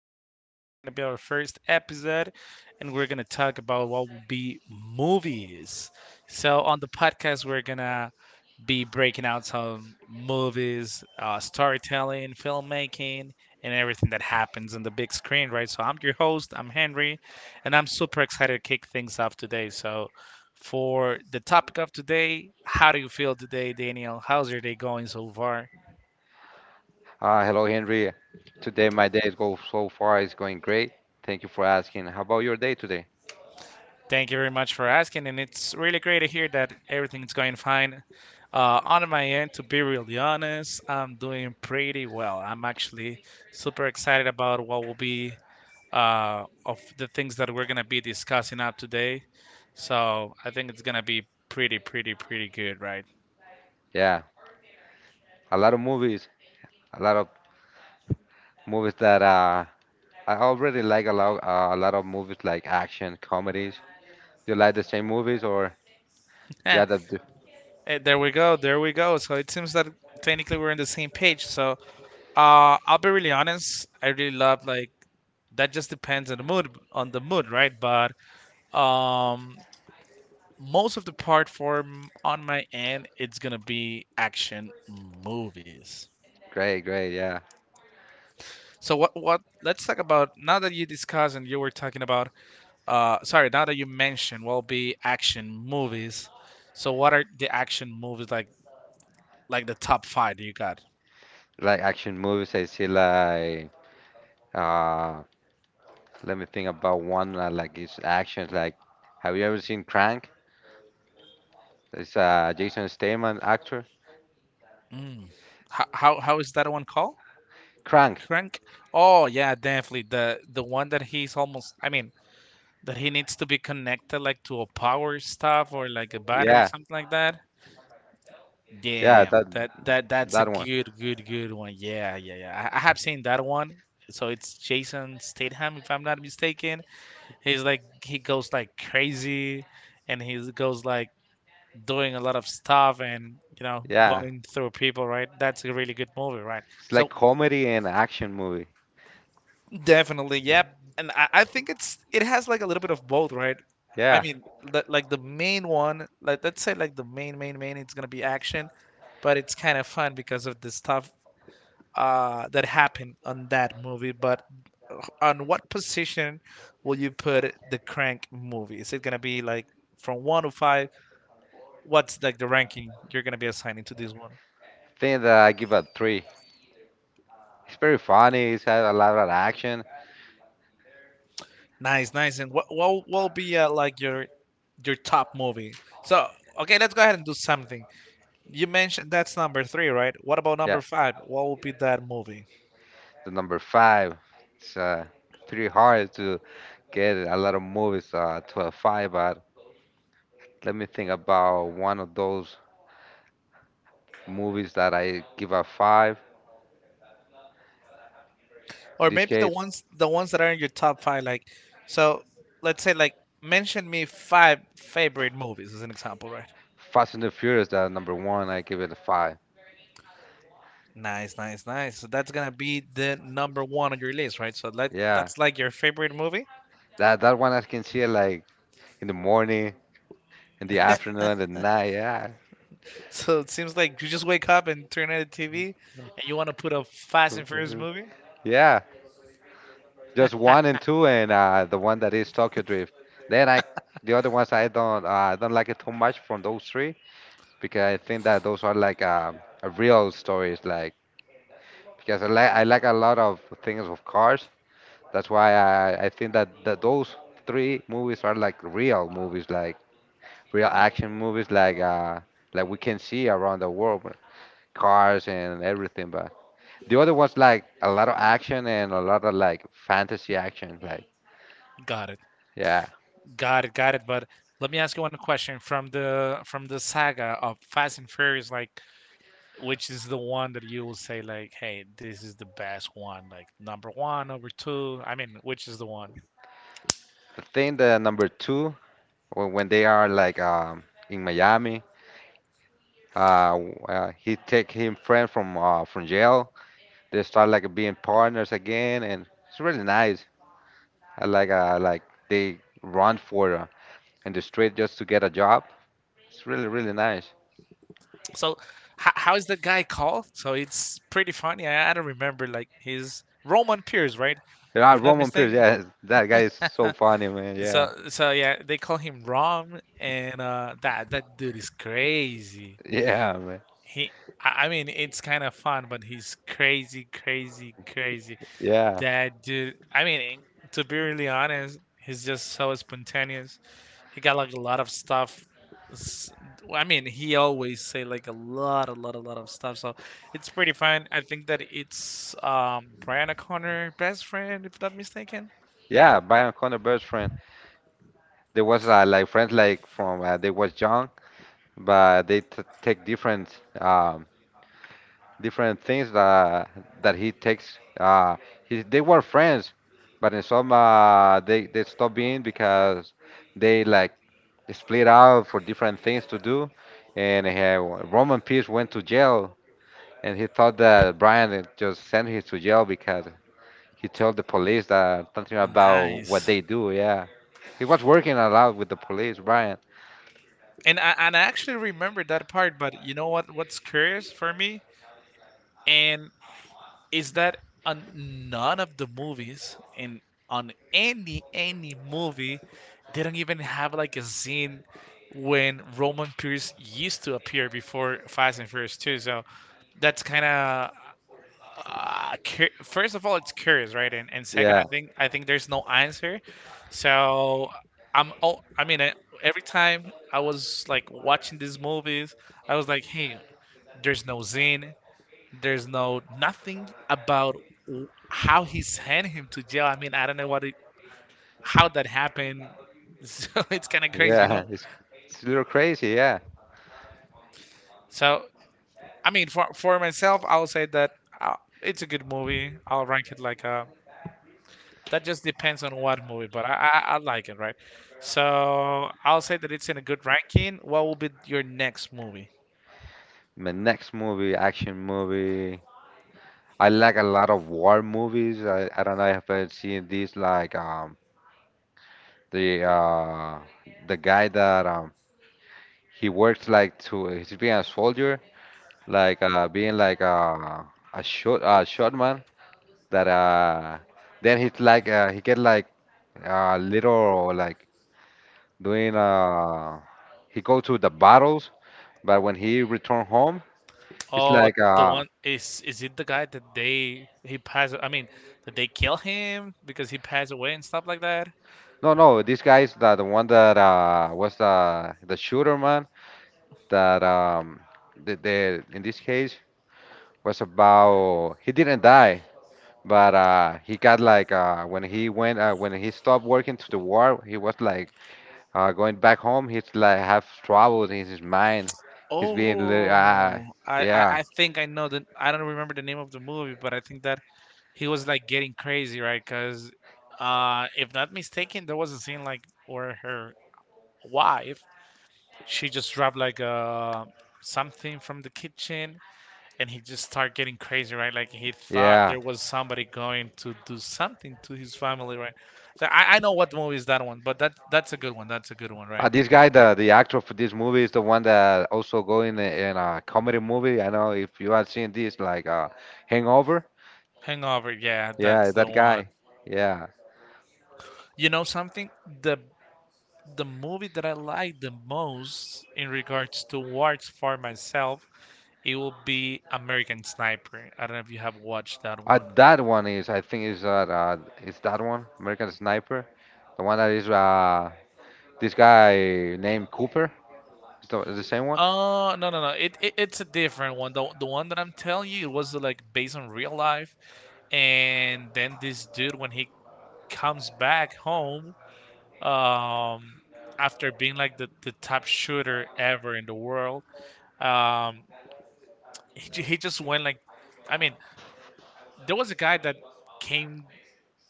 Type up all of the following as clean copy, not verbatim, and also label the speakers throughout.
Speaker 1: today. So, it's going to be our first episode, and we're going to talk about what will be movies. So, on the podcast, we're going to be breaking out some movies, storytelling, filmmaking, and everything that happens on the big screen, right? So, I'm your host, I'm Henry, and I'm super excited to kick things off today. So, for the topic of today, how do you feel today, Daniel? How's your day going so far?
Speaker 2: Hello, Henry. Today my day is go so far. It's going great. Thank you for asking. How about your day today?
Speaker 1: Thank you very much for asking, and it's really great to hear that everything's going fine. On my end, to be really honest, I'm doing pretty well. I'm actually super excited about what will be of the things that we're gonna be discussing out today. So I think it's gonna be pretty good, right?
Speaker 2: Yeah, a lot of movies, a lot of movies that I already like a lot. A lot of movies like action comedies. Do you like the same movies or
Speaker 1: Eh,
Speaker 2: yeah?
Speaker 1: there we go, there we go. So it seems that technically we're on the same page. So I'll be really honest. I really love like that. Just depends on the mood, right? But Um, most of the part for on my end, it's gonna be action movies.
Speaker 2: Great, great. Yeah,
Speaker 1: So what let's talk about now that you discussed and you were talking about sorry, now that you mentioned will be action movies. So what are the action movies like the top five that you got?
Speaker 2: like action movies. I see like uh, let me think about one like it's actions. Like, have you ever seen Crank? It's Jason Statham actor.
Speaker 1: Mm. How, how is that one called?
Speaker 2: Crank.
Speaker 1: Crank? Oh yeah, definitely the one that he's almost, I mean, that he needs to be connected like to a power stuff or like a battery
Speaker 2: Yeah.
Speaker 1: something like that.
Speaker 2: Yeah,
Speaker 1: Damn,
Speaker 2: that
Speaker 1: that's a
Speaker 2: that one.
Speaker 1: good one. Yeah, yeah, yeah. I have seen that one. So it's Jason Statham, if I'm not mistaken. He's like he goes like crazy, and he goes like doing a lot of stuff and you know
Speaker 2: Yeah,
Speaker 1: going through people. Right, that's a really good movie. Right.
Speaker 2: it's like
Speaker 1: So
Speaker 2: comedy and action movie.
Speaker 1: definitely, yep. And I think it's it has like a little bit of both. Right. I
Speaker 2: Yeah,
Speaker 1: mean, like the main one, like let's say like the main, it's gonna be action but it's kind of fun because of the stuff that happened on that movie, but on what position will you put the Crank movie? Is it gonna be like from one to five? What's like the ranking you're gonna be assigning to this one?
Speaker 2: think that I give a three. It's very funny. It's had a lot of action.
Speaker 1: Nice, nice. And what will be like your top movie? So okay, let's go ahead and do something. You mentioned that's number three, right? What about
Speaker 2: Yeah,
Speaker 1: number five? What will be that movie?
Speaker 2: the number five. It's pretty hard to get a lot of movies to a five, but let me think about one of those movies that I give a five.
Speaker 1: Or
Speaker 2: In this
Speaker 1: maybe the
Speaker 2: case,
Speaker 1: ones that are in your top five, like so let's say like mention me five favorite movies as an example, right?
Speaker 2: Fast and the Furious. That number one. I give it a five.
Speaker 1: Nice, nice, nice. So that's gonna be the number one on your list, right? So like
Speaker 2: Yeah,
Speaker 1: that's like your favorite movie.
Speaker 2: that one I can see it like in the morning, in the afternoon, at night. Yeah,
Speaker 1: So it seems like you just wake up and turn on the TV and you want to put a Fast and Furious movie.
Speaker 2: yeah, just one and two, and the one that is Tokyo Drift. Then I, the other ones I don't like it too much from those three because I think that those are like a real stories. Like because I like a lot of things of cars. That's why I think that those three movies are like real movies, like real action movies, like we can see around the world, cars and everything. But the other ones like a lot of action and a lot of like fantasy action, like.
Speaker 1: Got it.
Speaker 2: Yeah,
Speaker 1: Got it. Got it. But let me ask you one question from the saga of Fast and Furious. Like, which is the one that you will say, like, hey, this is the best one, like number one, number two. I mean, which is the one?
Speaker 2: I think the number two, when they are like in Miami, he take him friend from jail. They start like being partners again, and it's really nice. I like they run for in the street just to get a job. It's really really nice.
Speaker 1: So, how is that guy called? So it's pretty funny. I don't remember like his Roman Pierce, right? If
Speaker 2: Yeah,
Speaker 1: I'm not
Speaker 2: Roman Pierce,
Speaker 1: mistaken.
Speaker 2: yeah, that guy is
Speaker 1: Huh.
Speaker 2: so funny, man.
Speaker 1: So
Speaker 2: Yeah,
Speaker 1: so yeah, they call him Rom, and that dude is crazy.
Speaker 2: yeah, man.
Speaker 1: He, I mean, it's kind of fun, but he's crazy.
Speaker 2: Yeah,
Speaker 1: That dude. I mean, to be really honest, he's just so spontaneous. He got like a lot of stuff. s- I mean, he always say like a lot of stuff. So it's pretty fun. I think that it's Brian O'Connor best friend, if not mistaken.
Speaker 2: yeah. Brian Connor best friend. There was like friends like from they was young, but take different. Um, different things that he takes. They were friends, but in some they stopped being because they like split out for different things to do, and Roman Pierce went to jail, and he thought that Brian had just sent him to jail because he told the police that something about what
Speaker 1: Nice.
Speaker 2: they do. Yeah, he was working a lot with the police, Brian.
Speaker 1: And I actually remember that part. But you know what? What's curious for me? And is that on none of the movies in on any movie they don't even have like a scene when Roman Pierce used to appear before Fast and Furious 2. So that's kind of first of all it's curious, right? And second,
Speaker 2: Yeah,
Speaker 1: I think there's no answer. So I'm oh I mean every time I was like watching these movies, I was like, hey, there's no scene. There's no nothing about how he sent him to jail. I mean, I don't know what it, how that happened. So it's kind of crazy, you
Speaker 2: yeah,
Speaker 1: know.
Speaker 2: it's it's a little crazy. Yeah.
Speaker 1: So I mean, for myself, I'll say that uh, it's a good movie. I'll rank it like a. That just depends on what movie, but I I like it, right? So I'll say that it's in a good ranking. What will be your next movie?
Speaker 2: My next movie, action movie. I like a lot of war movies. I don't know if I've seen this like the uh the guy that he works like to he's being a soldier like being like a shot man that then he's like he get like little like doing he go to the battles but when he return home he's
Speaker 1: Oh,
Speaker 2: like
Speaker 1: the one is it the guy that they he passed? I mean, that they kill him because he passed away and stuff like that?
Speaker 2: no no this guy's the one that was the shooter man that the in this case was about he didn't die, but he got like when he went when he stopped working to the war, he was like going back home. He's like have troubles in his mind. He's being li- uh,
Speaker 1: Oh, I
Speaker 2: yeah
Speaker 1: I think I know the, I don't remember the name of the movie, but I think that he was like getting crazy, right? Because, if not mistaken, there was a scene like where her wife she just dropped like something from the kitchen, and he just started getting crazy, right? Like he thought
Speaker 2: yeah.
Speaker 1: there was somebody going to do something to his family, right? So I know what movie is that one, but that that's a good one. That's a good one, right?
Speaker 2: This guy, the actor for this movie, is the one that also go in in a comedy movie. I know if you have seen this, like Hangover.
Speaker 1: Hangover, yeah,
Speaker 2: Yeah,
Speaker 1: that's the
Speaker 2: that guy.
Speaker 1: one.
Speaker 2: Yeah,
Speaker 1: You know something? The the movie that I like the most in regards to awards for myself, it will be American Sniper. I don't know if you have watched that one.
Speaker 2: That one is, I think, is that one American Sniper, the one that is this guy named Cooper. Is the same one?
Speaker 1: Oh, no no no. It it's a different one. The one that I'm telling you it was like based on real life. And then this dude when he comes back home, um after being like the top shooter ever in the world, um he, he just went like, I mean, there was a guy that came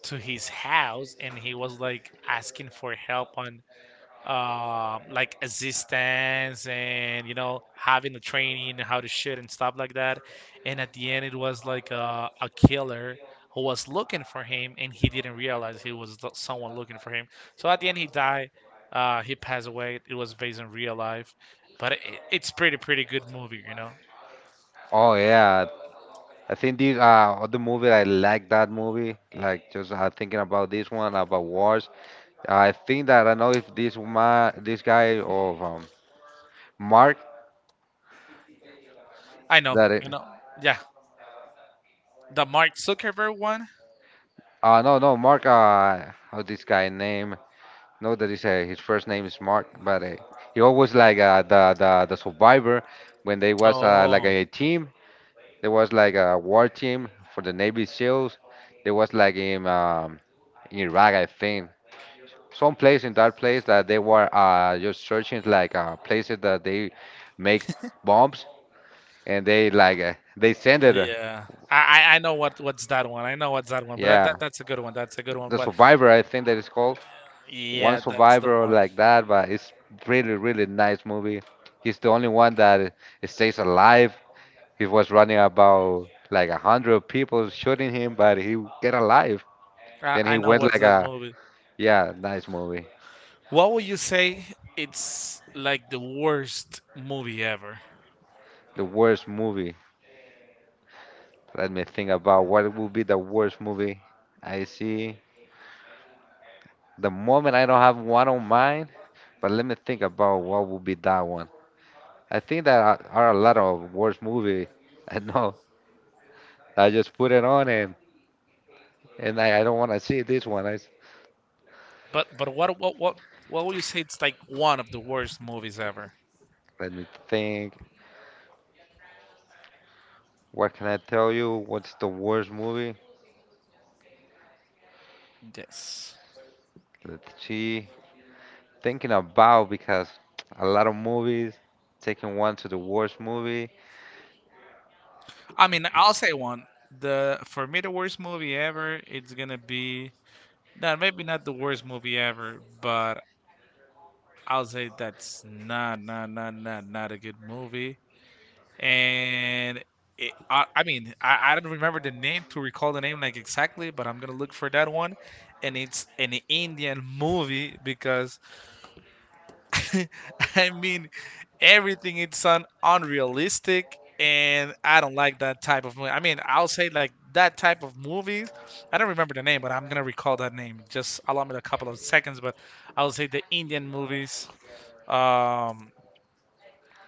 Speaker 1: to his house and he was like asking for help on like assistance and you know having the training how to shoot and stuff like that, and at the end it was like a killer who was looking for him and he didn't realize he was someone looking for him. So at the end he died, he passed away. It was based on real life, but it, it's pretty pretty good movie you know.
Speaker 2: Oh yeah, I think this other movie I like that movie. Like just thinking about this one about wars. I think that I know if this ma this guy of Mark
Speaker 1: I know,
Speaker 2: that it,
Speaker 1: I know, yeah, the Mark Zuckerberg one.
Speaker 2: no no Mark how this guy name No, that is his first name is Mark, but he always like the survivor when they was like
Speaker 1: Oh.
Speaker 2: a team. There was like a war team for the Navy SEALs. There was like in Iraq, I think, some place in that place that they were just searching like places that they make bombs and they like they send
Speaker 1: Uh,
Speaker 2: it.
Speaker 1: Yeah, I I I know what what's that one. I know what's that one, but that,
Speaker 2: Yeah,
Speaker 1: that that's a good one. That's a good one.
Speaker 2: the
Speaker 1: But
Speaker 2: survivor, I think that is called. One
Speaker 1: yeah, that's the
Speaker 2: survivor
Speaker 1: one.
Speaker 2: like that, but it's really, really nice movie. He's the only one that stays alive. He was running about like a hundred people shooting him, but he get alive.
Speaker 1: I
Speaker 2: Then
Speaker 1: I
Speaker 2: he
Speaker 1: know
Speaker 2: went
Speaker 1: what's
Speaker 2: like
Speaker 1: that
Speaker 2: a
Speaker 1: movie.
Speaker 2: yeah, nice movie.
Speaker 1: What would you say? It's like the worst movie ever.
Speaker 2: The worst movie. Let me think about what would be the worst movie I see. The moment I don't have one on mind, but let me think about what would be that one. I think that are a lot of worst movie. I know. I just put it on and I don't want to see this one.
Speaker 1: But what what would you say? It's like one of the worst movies ever.
Speaker 2: Let me think. What can I tell you? What's the worst movie?
Speaker 1: Yes.
Speaker 2: Let's see. Thinking about because a lot of movies. Taking one to the worst movie.
Speaker 1: I mean, I'll say one. The For me the worst movie ever. It's gonna be no, maybe not the worst movie ever, but I'll say that's not a good movie. And it, I mean I don't remember the name to recall the name like exactly, but I'm gonna look for that one, and it's an Indian movie because I mean everything it's unrealistic and I don't like that type of movie. I mean I'll say like that type of movies, I don't remember the name but I'm gonna recall that name. Just allow me a couple of seconds. But I'll say the Indian movies um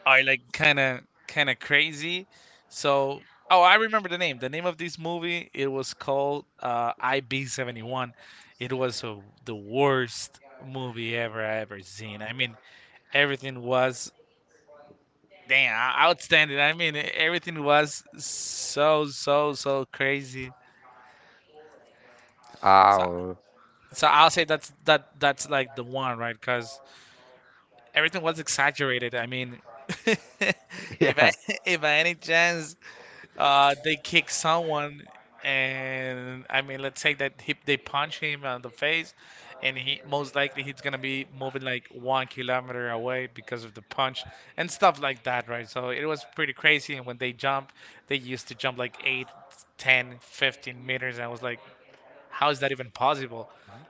Speaker 1: are like kind of crazy. So, oh, I remember the name. The name of this movie it was called IB 71. It was the worst movie ever I ever seen. I mean, everything was damn outstanding. I mean, everything was so crazy. So.
Speaker 2: Oh,
Speaker 1: So I'll say that's that that's like the one, right? Because everything was exaggerated. I mean, if I
Speaker 2: yeah.
Speaker 1: if by any chance they kick someone, and I mean, let's say that they punch him on the face, and he most likely he's gonna be moving like 1 kilometer away because of the punch and stuff like that, right? So it was pretty crazy. And when they jump, they used to jump like 8, 10, 15 meters. And I was like, how is that even possible?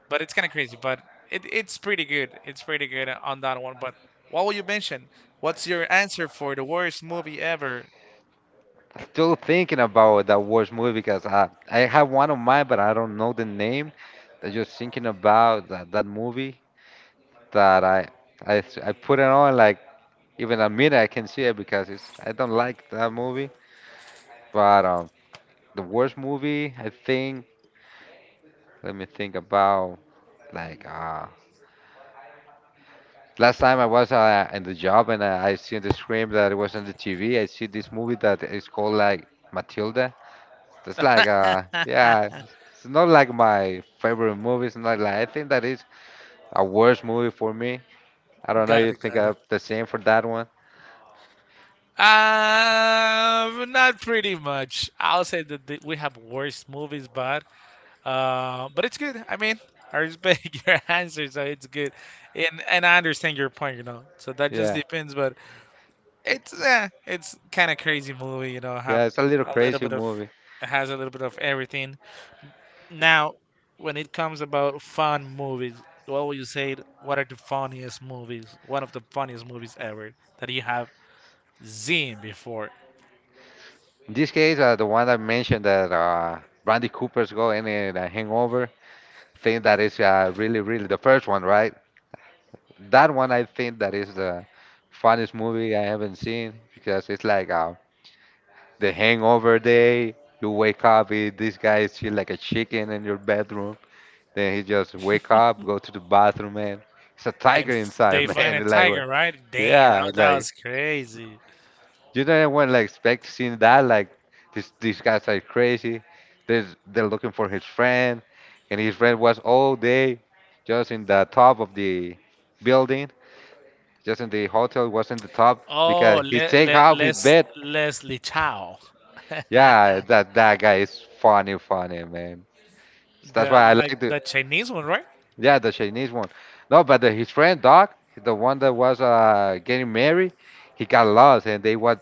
Speaker 1: But it's kind of crazy, but it, it's pretty good. It's pretty good on that one. But what will you mention? What's your answer for the worst movie ever?
Speaker 2: Still thinking about that worst movie because I have one of mine, but I don't know the name. I'm just thinking about that movie that I s- I put it on like even a minute I can see it because it's I don't like that movie. But the worst movie, I think. Let me think about like last time I was in the job and I seen the screen that it was on the TV. I see this movie that is called like Matilda. It's like yeah, it's not like my favorite movie. It's not like I think that is a worst movie for me. I don't know.
Speaker 1: Got
Speaker 2: You
Speaker 1: it,
Speaker 2: think
Speaker 1: got it.
Speaker 2: of the same for that one?
Speaker 1: Not pretty much. I'll say that we have worse movies, but it's good. I mean, I respect your answer, so it's good, and I understand your point. So that just
Speaker 2: Yeah,
Speaker 1: depends, but it's kind of crazy movie. Have
Speaker 2: yeah. It's a little
Speaker 1: a little
Speaker 2: crazy
Speaker 1: bit of
Speaker 2: movie.
Speaker 1: Has a little bit of everything. Now, when it comes about fun movies, what would you say? What are the funniest movies? One of the funniest movies ever that you have seen before.
Speaker 2: In this case, the one I mentioned that Brandy Cooper's go in a hangover think that is really, really the first one, right? That one I think that is the funniest movie I haven't seen because it's like the hangover day. You wake up, eh, this guy is chill like a chicken in your bedroom. Then he just wake up, go to the bathroom, man. It's a
Speaker 1: Then
Speaker 2: tiger inside,
Speaker 1: they find
Speaker 2: man.
Speaker 1: a tiger, right? Damn,
Speaker 2: Yeah, it's
Speaker 1: that
Speaker 2: like
Speaker 1: was crazy.
Speaker 2: you know, I went like expecting that, like these guys are crazy. They're looking for his friend, and his friend was all day just in the top of the building, just in the hotel, was in the top because
Speaker 1: Oh,
Speaker 2: he take off his bed.
Speaker 1: Leslie Chow.
Speaker 2: Yeah, that that guy is funny, funny man. That's
Speaker 1: The
Speaker 2: why I
Speaker 1: like
Speaker 2: like the
Speaker 1: the Chinese one, right?
Speaker 2: Yeah, the Chinese one. No, but his friend Doc, the one that was getting married, he got lost, and they was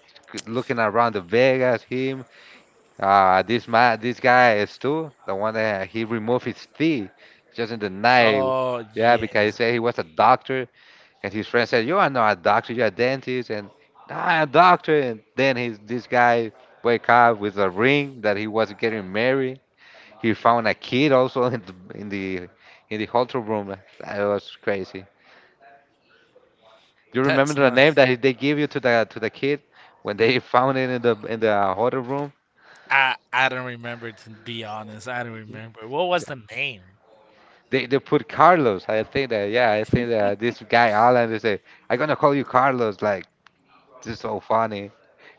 Speaker 2: looking around the Vegas him Ah, this man, this guy is too the one that he removed his teeth just in the night.
Speaker 1: Oh
Speaker 2: Yeah, because he
Speaker 1: yes,
Speaker 2: said he was a doctor, and his friend said, "You are not a doctor, you're a dentist." And "No, I'm a doctor. And then his this guy wake up with a ring that he was getting married. He found a kid also in the in the hotel room. That was crazy. Do you
Speaker 1: that's
Speaker 2: remember the
Speaker 1: not.
Speaker 2: name that they give you to the kid when they found it in the hotel room?
Speaker 1: I don't remember, to be honest. I don't remember. What was the name?
Speaker 2: They put Carlos. I think that yeah, I think that this guy Alan they say, I'm gonna call you Carlos, like this is so funny.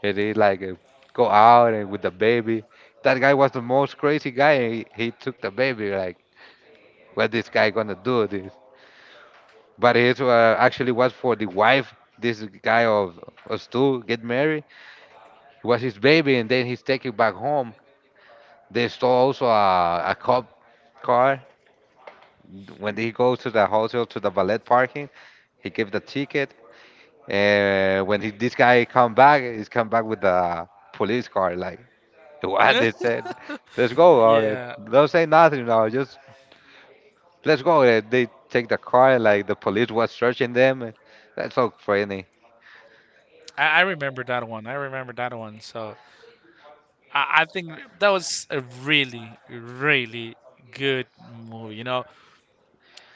Speaker 2: And he like go out and with the baby. That guy was the most crazy guy. He took the baby like what this guy gonna do this? But it actually was for the wife. This guy of Stu get married. It was his baby, and then he's taken back home. They stole also a cop car. When he goes to the hotel to the valet parking, he gave the ticket And when he, this guy come back, he's come back with a police car. Like what they said, let's go.
Speaker 1: Yeah,
Speaker 2: Don't say nothing now. Just let's go. They take the car. Like the police was searching them. That's so funny.
Speaker 1: I remember that one. I remember that one. So I think that was a really really good movie. You know,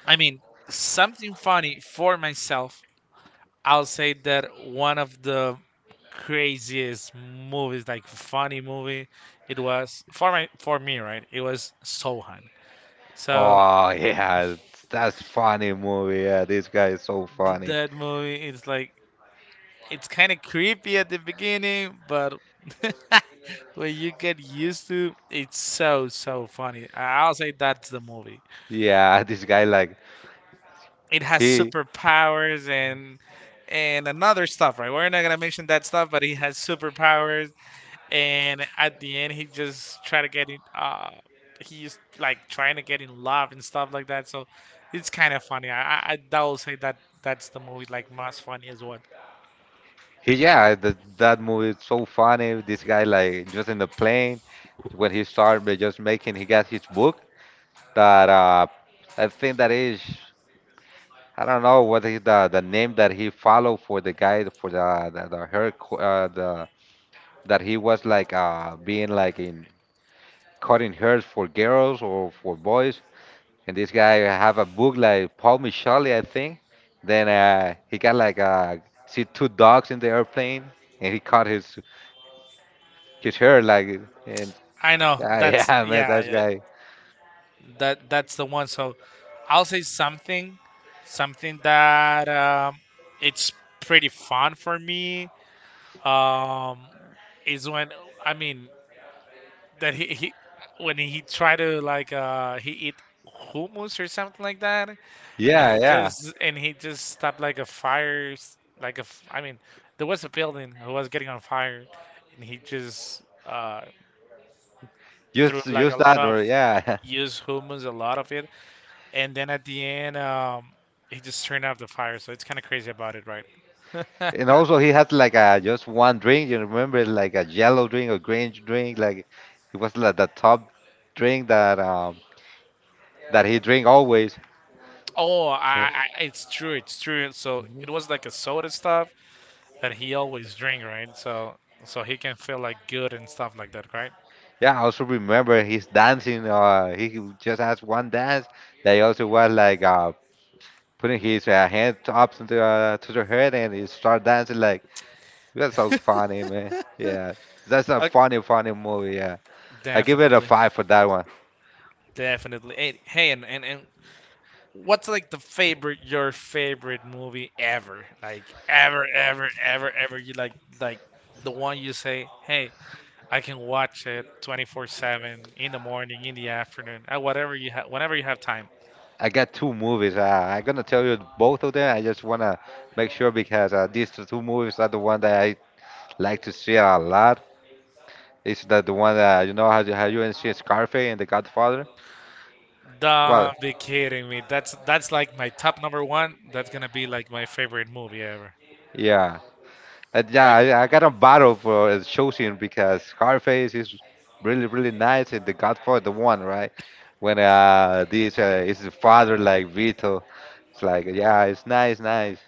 Speaker 1: I mean, something funny for myself, I'll say that one of the craziest movies, like funny movie, it was for me, right? It was Sohan. So
Speaker 2: Oh yeah, that's funny movie. Yeah, this guy is so funny.
Speaker 1: that movie is like it's kind of creepy at the beginning, but when you get used to, it's so so funny. I'll say that's the movie.
Speaker 2: Yeah, this guy like
Speaker 1: It has
Speaker 2: he
Speaker 1: superpowers and another stuff, right? We're not gonna mention that stuff, but he has superpowers, and at the end he just try to get in he's like trying to get in love and stuff like that, so it's kind of funny. I i, I that will say that that's the movie, like most funny as well.
Speaker 2: he yeah the, that movie is so funny. This guy like just in the plane when he started by just making he got his book that I think that is I don't know what is the name that he followed for the guy for the the that he was like being like in cutting hairs for girls or for boys. And this guy have a book like Paul Michelli, I think. Then he got like see two dogs in the airplane and he cut his hair like and
Speaker 1: I know
Speaker 2: yeah
Speaker 1: that's
Speaker 2: yeah, man,
Speaker 1: yeah,
Speaker 2: that
Speaker 1: yeah,
Speaker 2: guy.
Speaker 1: that that's the one. So I'll say something, something that it's pretty fun for me, um, is when I mean that he when he try to like he eat hummus or something like that, and
Speaker 2: Yeah, yeah,
Speaker 1: he just stopped like a fire s- like a f- I mean there was a building who was getting on fire, and he just threw
Speaker 2: use
Speaker 1: like a
Speaker 2: use
Speaker 1: lot
Speaker 2: that
Speaker 1: of
Speaker 2: or yeah.
Speaker 1: used humans, a lot of it, and then at the end he just turned off the fire. So it's kind of crazy about it, right?
Speaker 2: And also he had like a just one drink. You remember like a yellow drink or green drink. Like it was like the top drink that he drink always.
Speaker 1: Oh, it's true, it's true. So it was like a soda stuff that he always drink, right? So so he can feel like good and stuff like that, right?
Speaker 2: Yeah, I also remember his dancing. He just has one dance. They also was like putting his hand up to the to the head and he start dancing. Like that's so funny, man. Yeah, that's a
Speaker 1: Uh,
Speaker 2: funny, funny movie. Yeah, I give it a
Speaker 1: definitely.
Speaker 2: five for that one.
Speaker 1: Definitely. And, hey, and what's like the favorite your favorite movie ever? Like ever, ever, ever, ever. You like the one you say, hey, I can watch it 24/7 in the morning, in the afternoon, at whatever you have, whenever you have time.
Speaker 2: I got two movies. I'm gonna tell you both of them. I just wanna make sure because these two movies are the one that I like to see a lot. It's the one that you know how you see Scarface and The Godfather. Well,
Speaker 1: Don't be kidding me. That's like my top number one. That's gonna be like my favorite movie ever.
Speaker 2: yeah, and yeah.
Speaker 1: Like,
Speaker 2: I got a battle for choosing because Scarface is really, really nice and The Godfather the one right when this is the father like Vito. It's like yeah, it's nice, nice.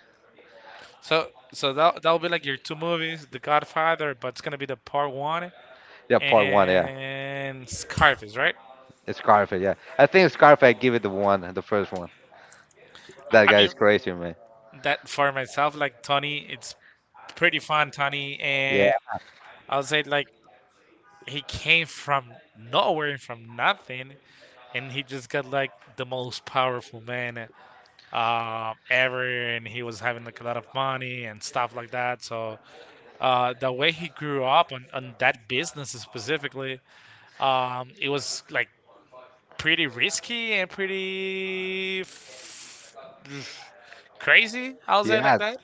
Speaker 1: so so that that'll be like your two movies, The Godfather, but it's gonna be the part one,
Speaker 2: Yeah, part one. Yeah,
Speaker 1: and Scarface, right?
Speaker 2: Scarface. Yeah, I think Scarface. I give it the one, the first one. That
Speaker 1: I mean,
Speaker 2: guy's crazy, man.
Speaker 1: that for myself, like Tony, it's pretty fun, Tony,
Speaker 2: Yeah.
Speaker 1: and I'll say like he came from nowhere, from nothing, and he just got like the most powerful man uh ever, and he was having like a lot of money and stuff like that. So the way he grew up on that business specifically, it was like pretty risky and pretty crazy. I'll say like
Speaker 2: Yeah,
Speaker 1: that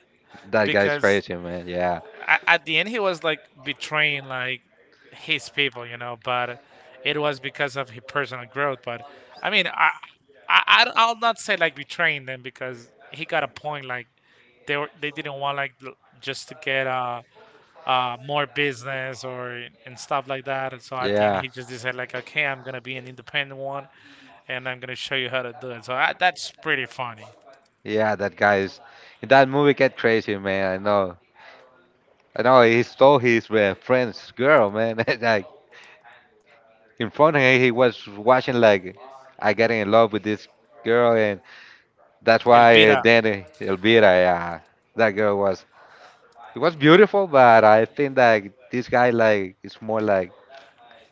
Speaker 2: that guy's
Speaker 1: because
Speaker 2: crazy, man. Yeah.
Speaker 1: at the end he was like betraying like his people, you know, but it was because of his personal growth. But I mean, I'll not say like betraying them because he got a point, like they were they didn't want like just to get more business or and stuff like that. And so at the end
Speaker 2: Yeah.
Speaker 1: he just decided like, okay, I'm gonna be an independent one, and I'm gonna show you how to do it. So I, that's pretty funny.
Speaker 2: Yeah, that guy's in that movie get crazy, man. I know. I know he stole his friend's girl, man. And, like in front of him, he was watching like I getting in love with this girl, and that's why
Speaker 1: Elvira.
Speaker 2: then Elvira, yeah, that girl was it was beautiful, but I think that this guy like it's more like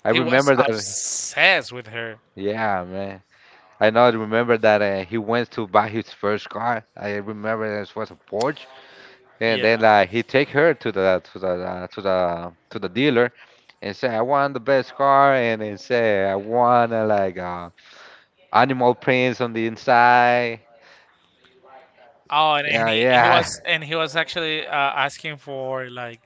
Speaker 2: I
Speaker 1: He was
Speaker 2: remember that.
Speaker 1: obsessed with her.
Speaker 2: Yeah, man. I know. Remember that he went to buy his first car. I remember it was a Porsche, and
Speaker 1: Yeah.
Speaker 2: then he take her to the to the dealer, and say I want the best car, and then say I want animal prints on the inside.
Speaker 1: Oh, and
Speaker 2: Yeah,
Speaker 1: he
Speaker 2: yeah,
Speaker 1: was, and he was actually uh asking for like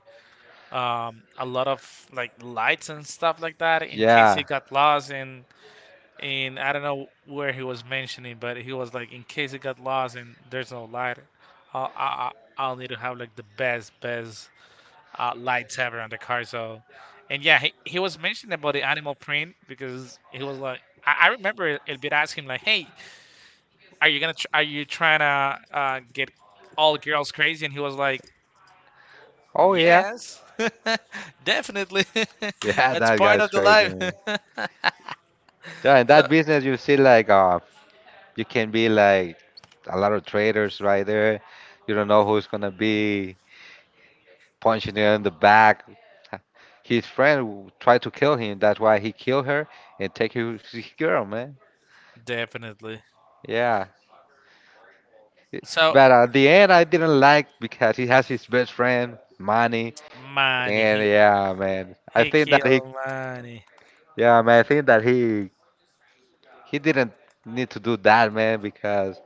Speaker 1: a lot of like lights and stuff like that in case he
Speaker 2: yeah.
Speaker 1: got lost in, I don't know where he was mentioning, but he was like in case he got lost and there's no light, I'll I, I'll need to have like the best best uh lights ever on the car. So, and yeah, he was mentioning about the animal print because he was like, I remember Elvira asked him like, hey, are you gonna are you trying to uh get all girls crazy? And he was like,
Speaker 2: Oh yeah,
Speaker 1: yes, definitely.
Speaker 2: yeah.
Speaker 1: That's
Speaker 2: That
Speaker 1: part
Speaker 2: guy's
Speaker 1: of the
Speaker 2: crazy,
Speaker 1: life.
Speaker 2: man. Yeah, in
Speaker 1: So,
Speaker 2: that business, you see like you can be like a lot of traders right there. You don't know who's gonna be punching her in the back. His friend tried to kill him. That's why he killed her and take his girl, man.
Speaker 1: definitely.
Speaker 2: Yeah. It-
Speaker 1: So
Speaker 2: But at the end, I didn't like because he has his best friend, Manny,
Speaker 1: money,
Speaker 2: and yeah, man. I
Speaker 1: he
Speaker 2: think that he,
Speaker 1: killed money.
Speaker 2: yeah, man. I think that he didn't need to do that, man, because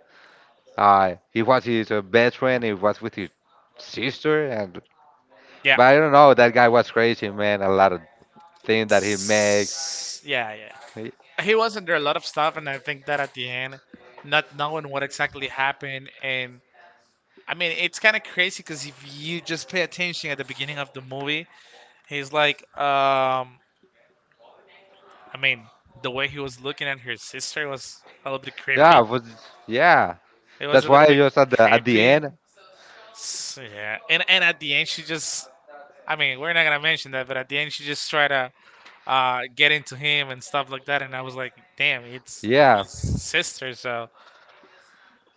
Speaker 2: he was his best friend. He was with his sister, and
Speaker 1: Yeah.
Speaker 2: but I don't know. That guy was crazy, man. A lot of things that he makes.
Speaker 1: Yeah, yeah. He was under a lot of stuff, and I think that at the end, not knowing what exactly happened, and I mean, it's kind of crazy because if you just pay attention at the beginning of the movie, he's like, I mean, the way he was looking at her sister was a little bit
Speaker 2: Yeah,
Speaker 1: creepy.
Speaker 2: was yeah.
Speaker 1: It was
Speaker 2: That's
Speaker 1: a
Speaker 2: why
Speaker 1: little
Speaker 2: I
Speaker 1: bit
Speaker 2: just at the
Speaker 1: creepy.
Speaker 2: end.
Speaker 1: S yeah, and at the end, she just. I mean, we're not gonna mention that, but at the end, she just tried to uh get into him and stuff like that, and I was like, "Damn, it's
Speaker 2: Yeah,
Speaker 1: his sister, so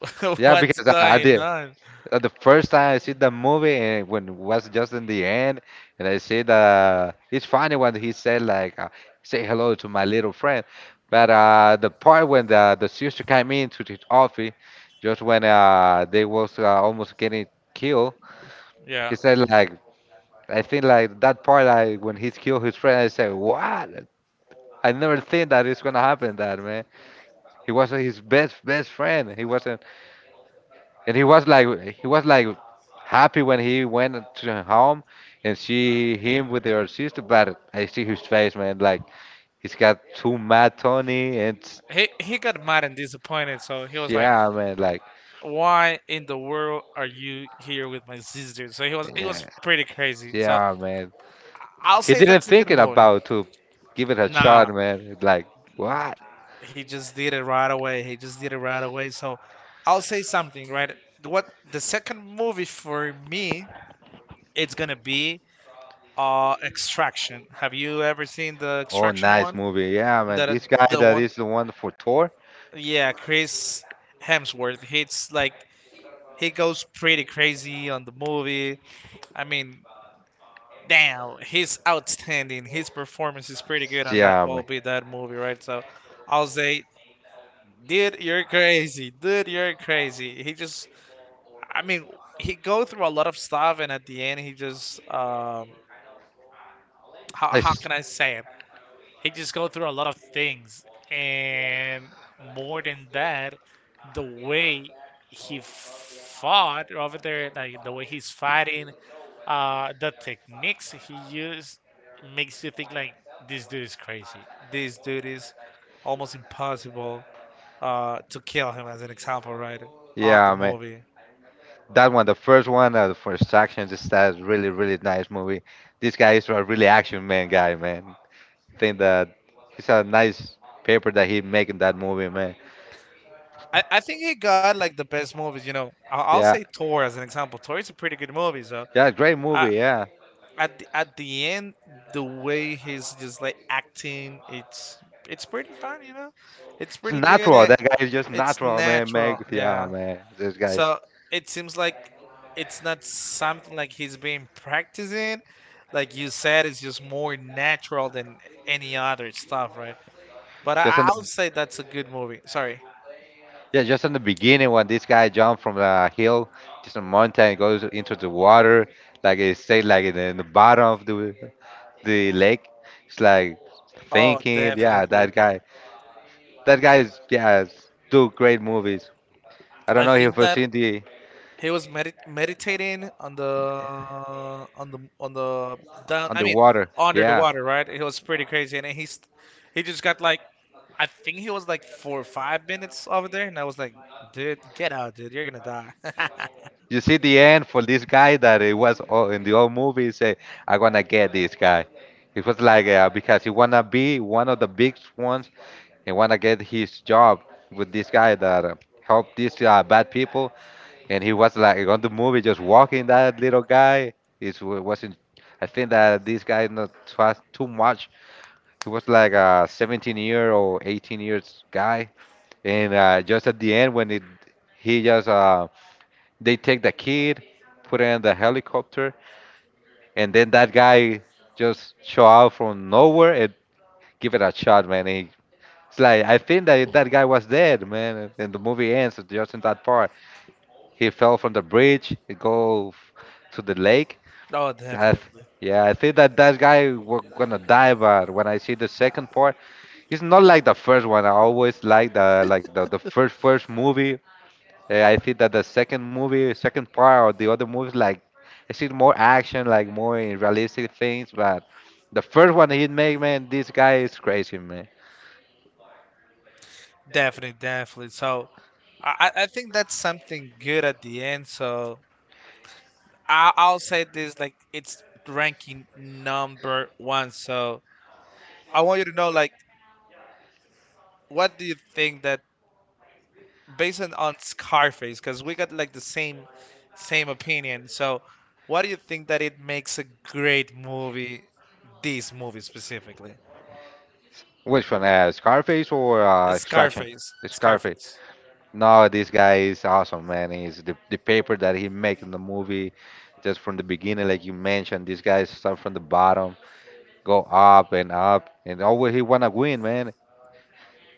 Speaker 2: yeah,
Speaker 1: what's
Speaker 2: because I
Speaker 1: going
Speaker 2: did.
Speaker 1: on?"
Speaker 2: At the first time I see the movie and when it was just in the end, and I see the it's funny when he said like say hello to my little friend, but the part when the sister came into the office, just when they was almost getting killed,
Speaker 1: Yeah,
Speaker 2: he said like I think like that part like when he killed his friend, I said what? I never think that it's gonna happen that man. He was his best, best friend. He wasn't, and he was like happy when he went to home and see him with her sister. But I see his face, man. Like he's got too mad Tony, and
Speaker 1: he got mad and disappointed, so he was like,
Speaker 2: yeah, man. Like
Speaker 1: "Why in the world are you here with my sister?" So he was, it
Speaker 2: yeah,
Speaker 1: was pretty crazy. So
Speaker 2: yeah, man.
Speaker 1: I'll
Speaker 2: He
Speaker 1: say
Speaker 2: didn't
Speaker 1: that's a good
Speaker 2: thinking
Speaker 1: movie.
Speaker 2: about to give it a shot,
Speaker 1: Nah,
Speaker 2: man. Like what?
Speaker 1: he just did it right away. He just did it right away. So I'll say something, right? What, the second movie for me, it's gonna be Extraction. Have you ever seen the
Speaker 2: Oh,
Speaker 1: Extraction
Speaker 2: nice
Speaker 1: one?
Speaker 2: movie. Yeah, man.
Speaker 1: That
Speaker 2: This guy
Speaker 1: the
Speaker 2: that
Speaker 1: one,
Speaker 2: is the one for Thor.
Speaker 1: yeah, Chris Hemsworth. He's like he goes pretty crazy on the movie. I mean, damn, he's outstanding. His performance is pretty good on that
Speaker 2: Yeah,
Speaker 1: will
Speaker 2: man.
Speaker 1: be that movie, right? So I'll say, dude, you're crazy. Dude, you're crazy. He just, I mean, he go through a lot of stuff, and at the end, he just how
Speaker 2: It's,
Speaker 1: can I say it? He just go through a lot of things, and more than that, the way he fought over there, like the way he's fighting, the techniques he used makes you think like this dude is crazy. This dude is almost impossible uh to kill him, as an example, right? On the
Speaker 2: yeah, man.
Speaker 1: movie,
Speaker 2: That one, the first action, just that really, really nice movie. This guy is a really action man guy, man. Think that he's a nice paper that he make in that movie, man.
Speaker 1: I think he got like the best movies. You know, I'll say
Speaker 2: Yeah,
Speaker 1: Thor as an example. Thor is a pretty good movie. So
Speaker 2: yeah, great
Speaker 1: I,
Speaker 2: movie. Yeah,
Speaker 1: at at the end, the way he's just like acting, it's pretty fun. You know, it's
Speaker 2: it's
Speaker 1: pretty good.
Speaker 2: natural.
Speaker 1: Eh,
Speaker 2: That guy is just
Speaker 1: it's
Speaker 2: natural, man. Make
Speaker 1: natural.
Speaker 2: yeah,
Speaker 1: Yeah.
Speaker 2: man. This guy's
Speaker 1: So it seems like it's not something like he's been practicing. Like you said, it's just more natural than any other stuff, right? But
Speaker 2: just in
Speaker 1: I'll
Speaker 2: the
Speaker 1: say that's a good movie. Sorry.
Speaker 2: yeah, just in the beginning when this guy jumped from the hill, just a mountain, goes into the water, like it stayed like in in the bottom of the lake. It's like
Speaker 1: Oh,
Speaker 2: thinking, yeah,
Speaker 1: definitely.
Speaker 2: that guy. That guy is yeah, is- do great movies. I don't
Speaker 1: I
Speaker 2: know if you've
Speaker 1: think
Speaker 2: ever
Speaker 1: that
Speaker 2: seen the
Speaker 1: he was meditating on the on the on the down. I mean,
Speaker 2: Underwater.
Speaker 1: under the
Speaker 2: Yeah,
Speaker 1: water, right? It was pretty crazy, and then he's he just got like, I think he was like 4 or 5 minutes over there, and I was like, dude, get out, dude, you're gonna die.
Speaker 2: you see the end for this guy that it was all, in the old movie. He say, I wanna get this guy. It was like because he wanna be one of the big ones and wanna get his job with this guy that helped these bad people. And he was like on the movie just walking that little guy. It wasn't. I think that this guy not trust too much. He was like a 17 year or 18 years guy, and just at the end when it, he just they take the kid, put it in the helicopter, and then that guy just show out from nowhere and give it a shot, man. He, it's like I think that that guy was dead, man. And the movie ends just in that part. He fell from the bridge, he go f- to the lake,
Speaker 1: Oh,
Speaker 2: Seth. Yeah, I think that that guy we're gonna die. But when I see the second part, it's not like the first one. I always like the like the first, first movie. Eh, I think that the second movie, second part, or the other movies, like I see more action, like more realistic things. But the first one he made, man, this guy is crazy, man.
Speaker 1: definitely. So, I think that's something good at the end. So I'll say this like it's ranking number one. So I want you to know like what do you think that based on Scarface because we got like the same same opinion. So, what do you think that it makes a great movie? This movie specifically,
Speaker 2: Which one? Scarface or Extraction?
Speaker 1: Scarface.
Speaker 2: Scarface.
Speaker 1: Scarface.
Speaker 2: No, this guy is awesome, man. He's the paper that he make in the movie, just from the beginning, like you mentioned, this guy start from the bottom, go up and up, and always he wanna win, man.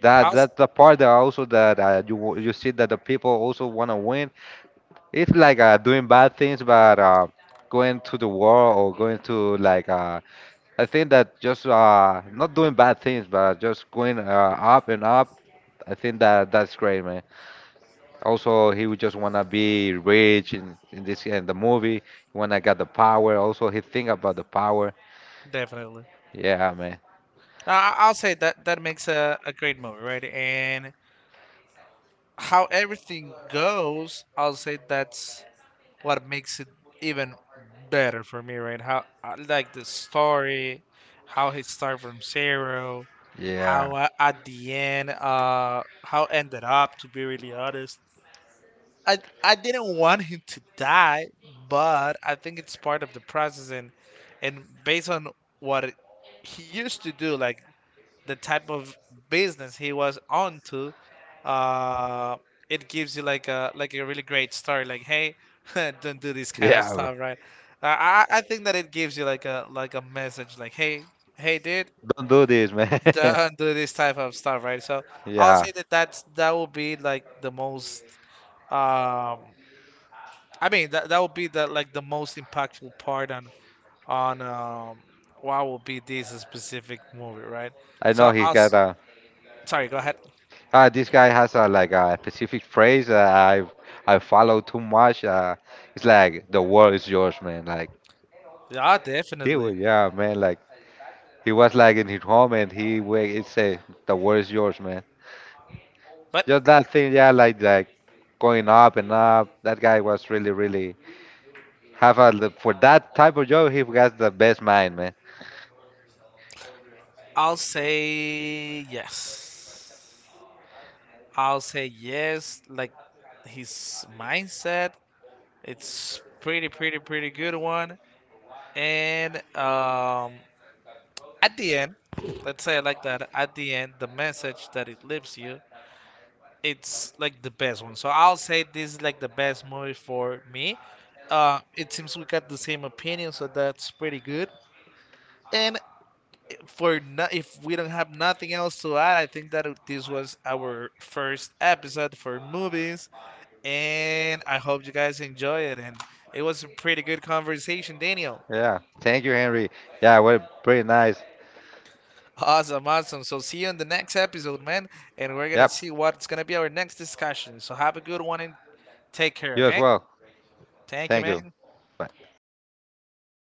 Speaker 2: That
Speaker 1: I'll s-
Speaker 2: that's the part that also that you w- you see that the people also wanna win. It's like doing bad things, but going to the war or going to like I think that just not doing bad things, but just going up and up. I think that that's great, man. Also, he would just wanna be rich in this in the movie. He wanna get the power. Also, he think about the power.
Speaker 1: definitely.
Speaker 2: Yeah, man.
Speaker 1: Now I'll say that that makes a great movie, right? And how everything goes, I'll say that's what makes it even better for me, right? How I like the story, how he started from zero,
Speaker 2: Yeah,
Speaker 1: how I, at the end, how ended up. To be really honest, I didn't want him to die, but I think it's part of the process, and based on what he used to do, like the type of business he was onto, uh, it gives you like a really great story. Like, hey, don't do this kind of
Speaker 2: yeah. Man.
Speaker 1: stuff, right? I think that it gives you like a message, like, hey, hey, dude,
Speaker 2: Don't do this, man.
Speaker 1: don't do this type of stuff, right? So I'll
Speaker 2: yeah,
Speaker 1: say that that's that will be like the most. Um, I mean that that would be the like the most impactful part on what will be this specific movie, right?
Speaker 2: I know
Speaker 1: So
Speaker 2: he got a.
Speaker 1: sorry, go ahead.
Speaker 2: Ah, this guy has a like a specific phrase that I follow too much. It's like the world is yours, man. Like
Speaker 1: Yeah,
Speaker 2: he
Speaker 1: definitely.
Speaker 2: was, yeah, man. Like he was like in his home and he wake it say the world is yours, man.
Speaker 1: But
Speaker 2: Just that thing, yeah, like going up and up. That guy was really, really have a l- for that type of job. He has the best mind, man.
Speaker 1: I'll say yes. I'll say yes. Like his mindset, it's pretty, pretty, pretty good one. And at the end, let's say it like that. At the end, the message that it leaves you, it's like the best one. So I'll say this is like the best movie for me. It seems we got the same opinion, so that's pretty good. And for no, if we don't have nothing else to add, I think that this was our first episode for movies, and I hope you guys enjoy it. And it was a pretty good conversation, Daniel.
Speaker 2: Yeah. Thank you, Henry. Yeah, well, pretty nice.
Speaker 1: Awesome, awesome. So see you in the next episode, man, and we're gonna
Speaker 2: Yep.
Speaker 1: see what's gonna be our next discussion. So have a good one and take care,
Speaker 2: You as
Speaker 1: okay?
Speaker 2: well.
Speaker 1: Thank you,
Speaker 2: Thank you.
Speaker 1: man.
Speaker 2: Bye.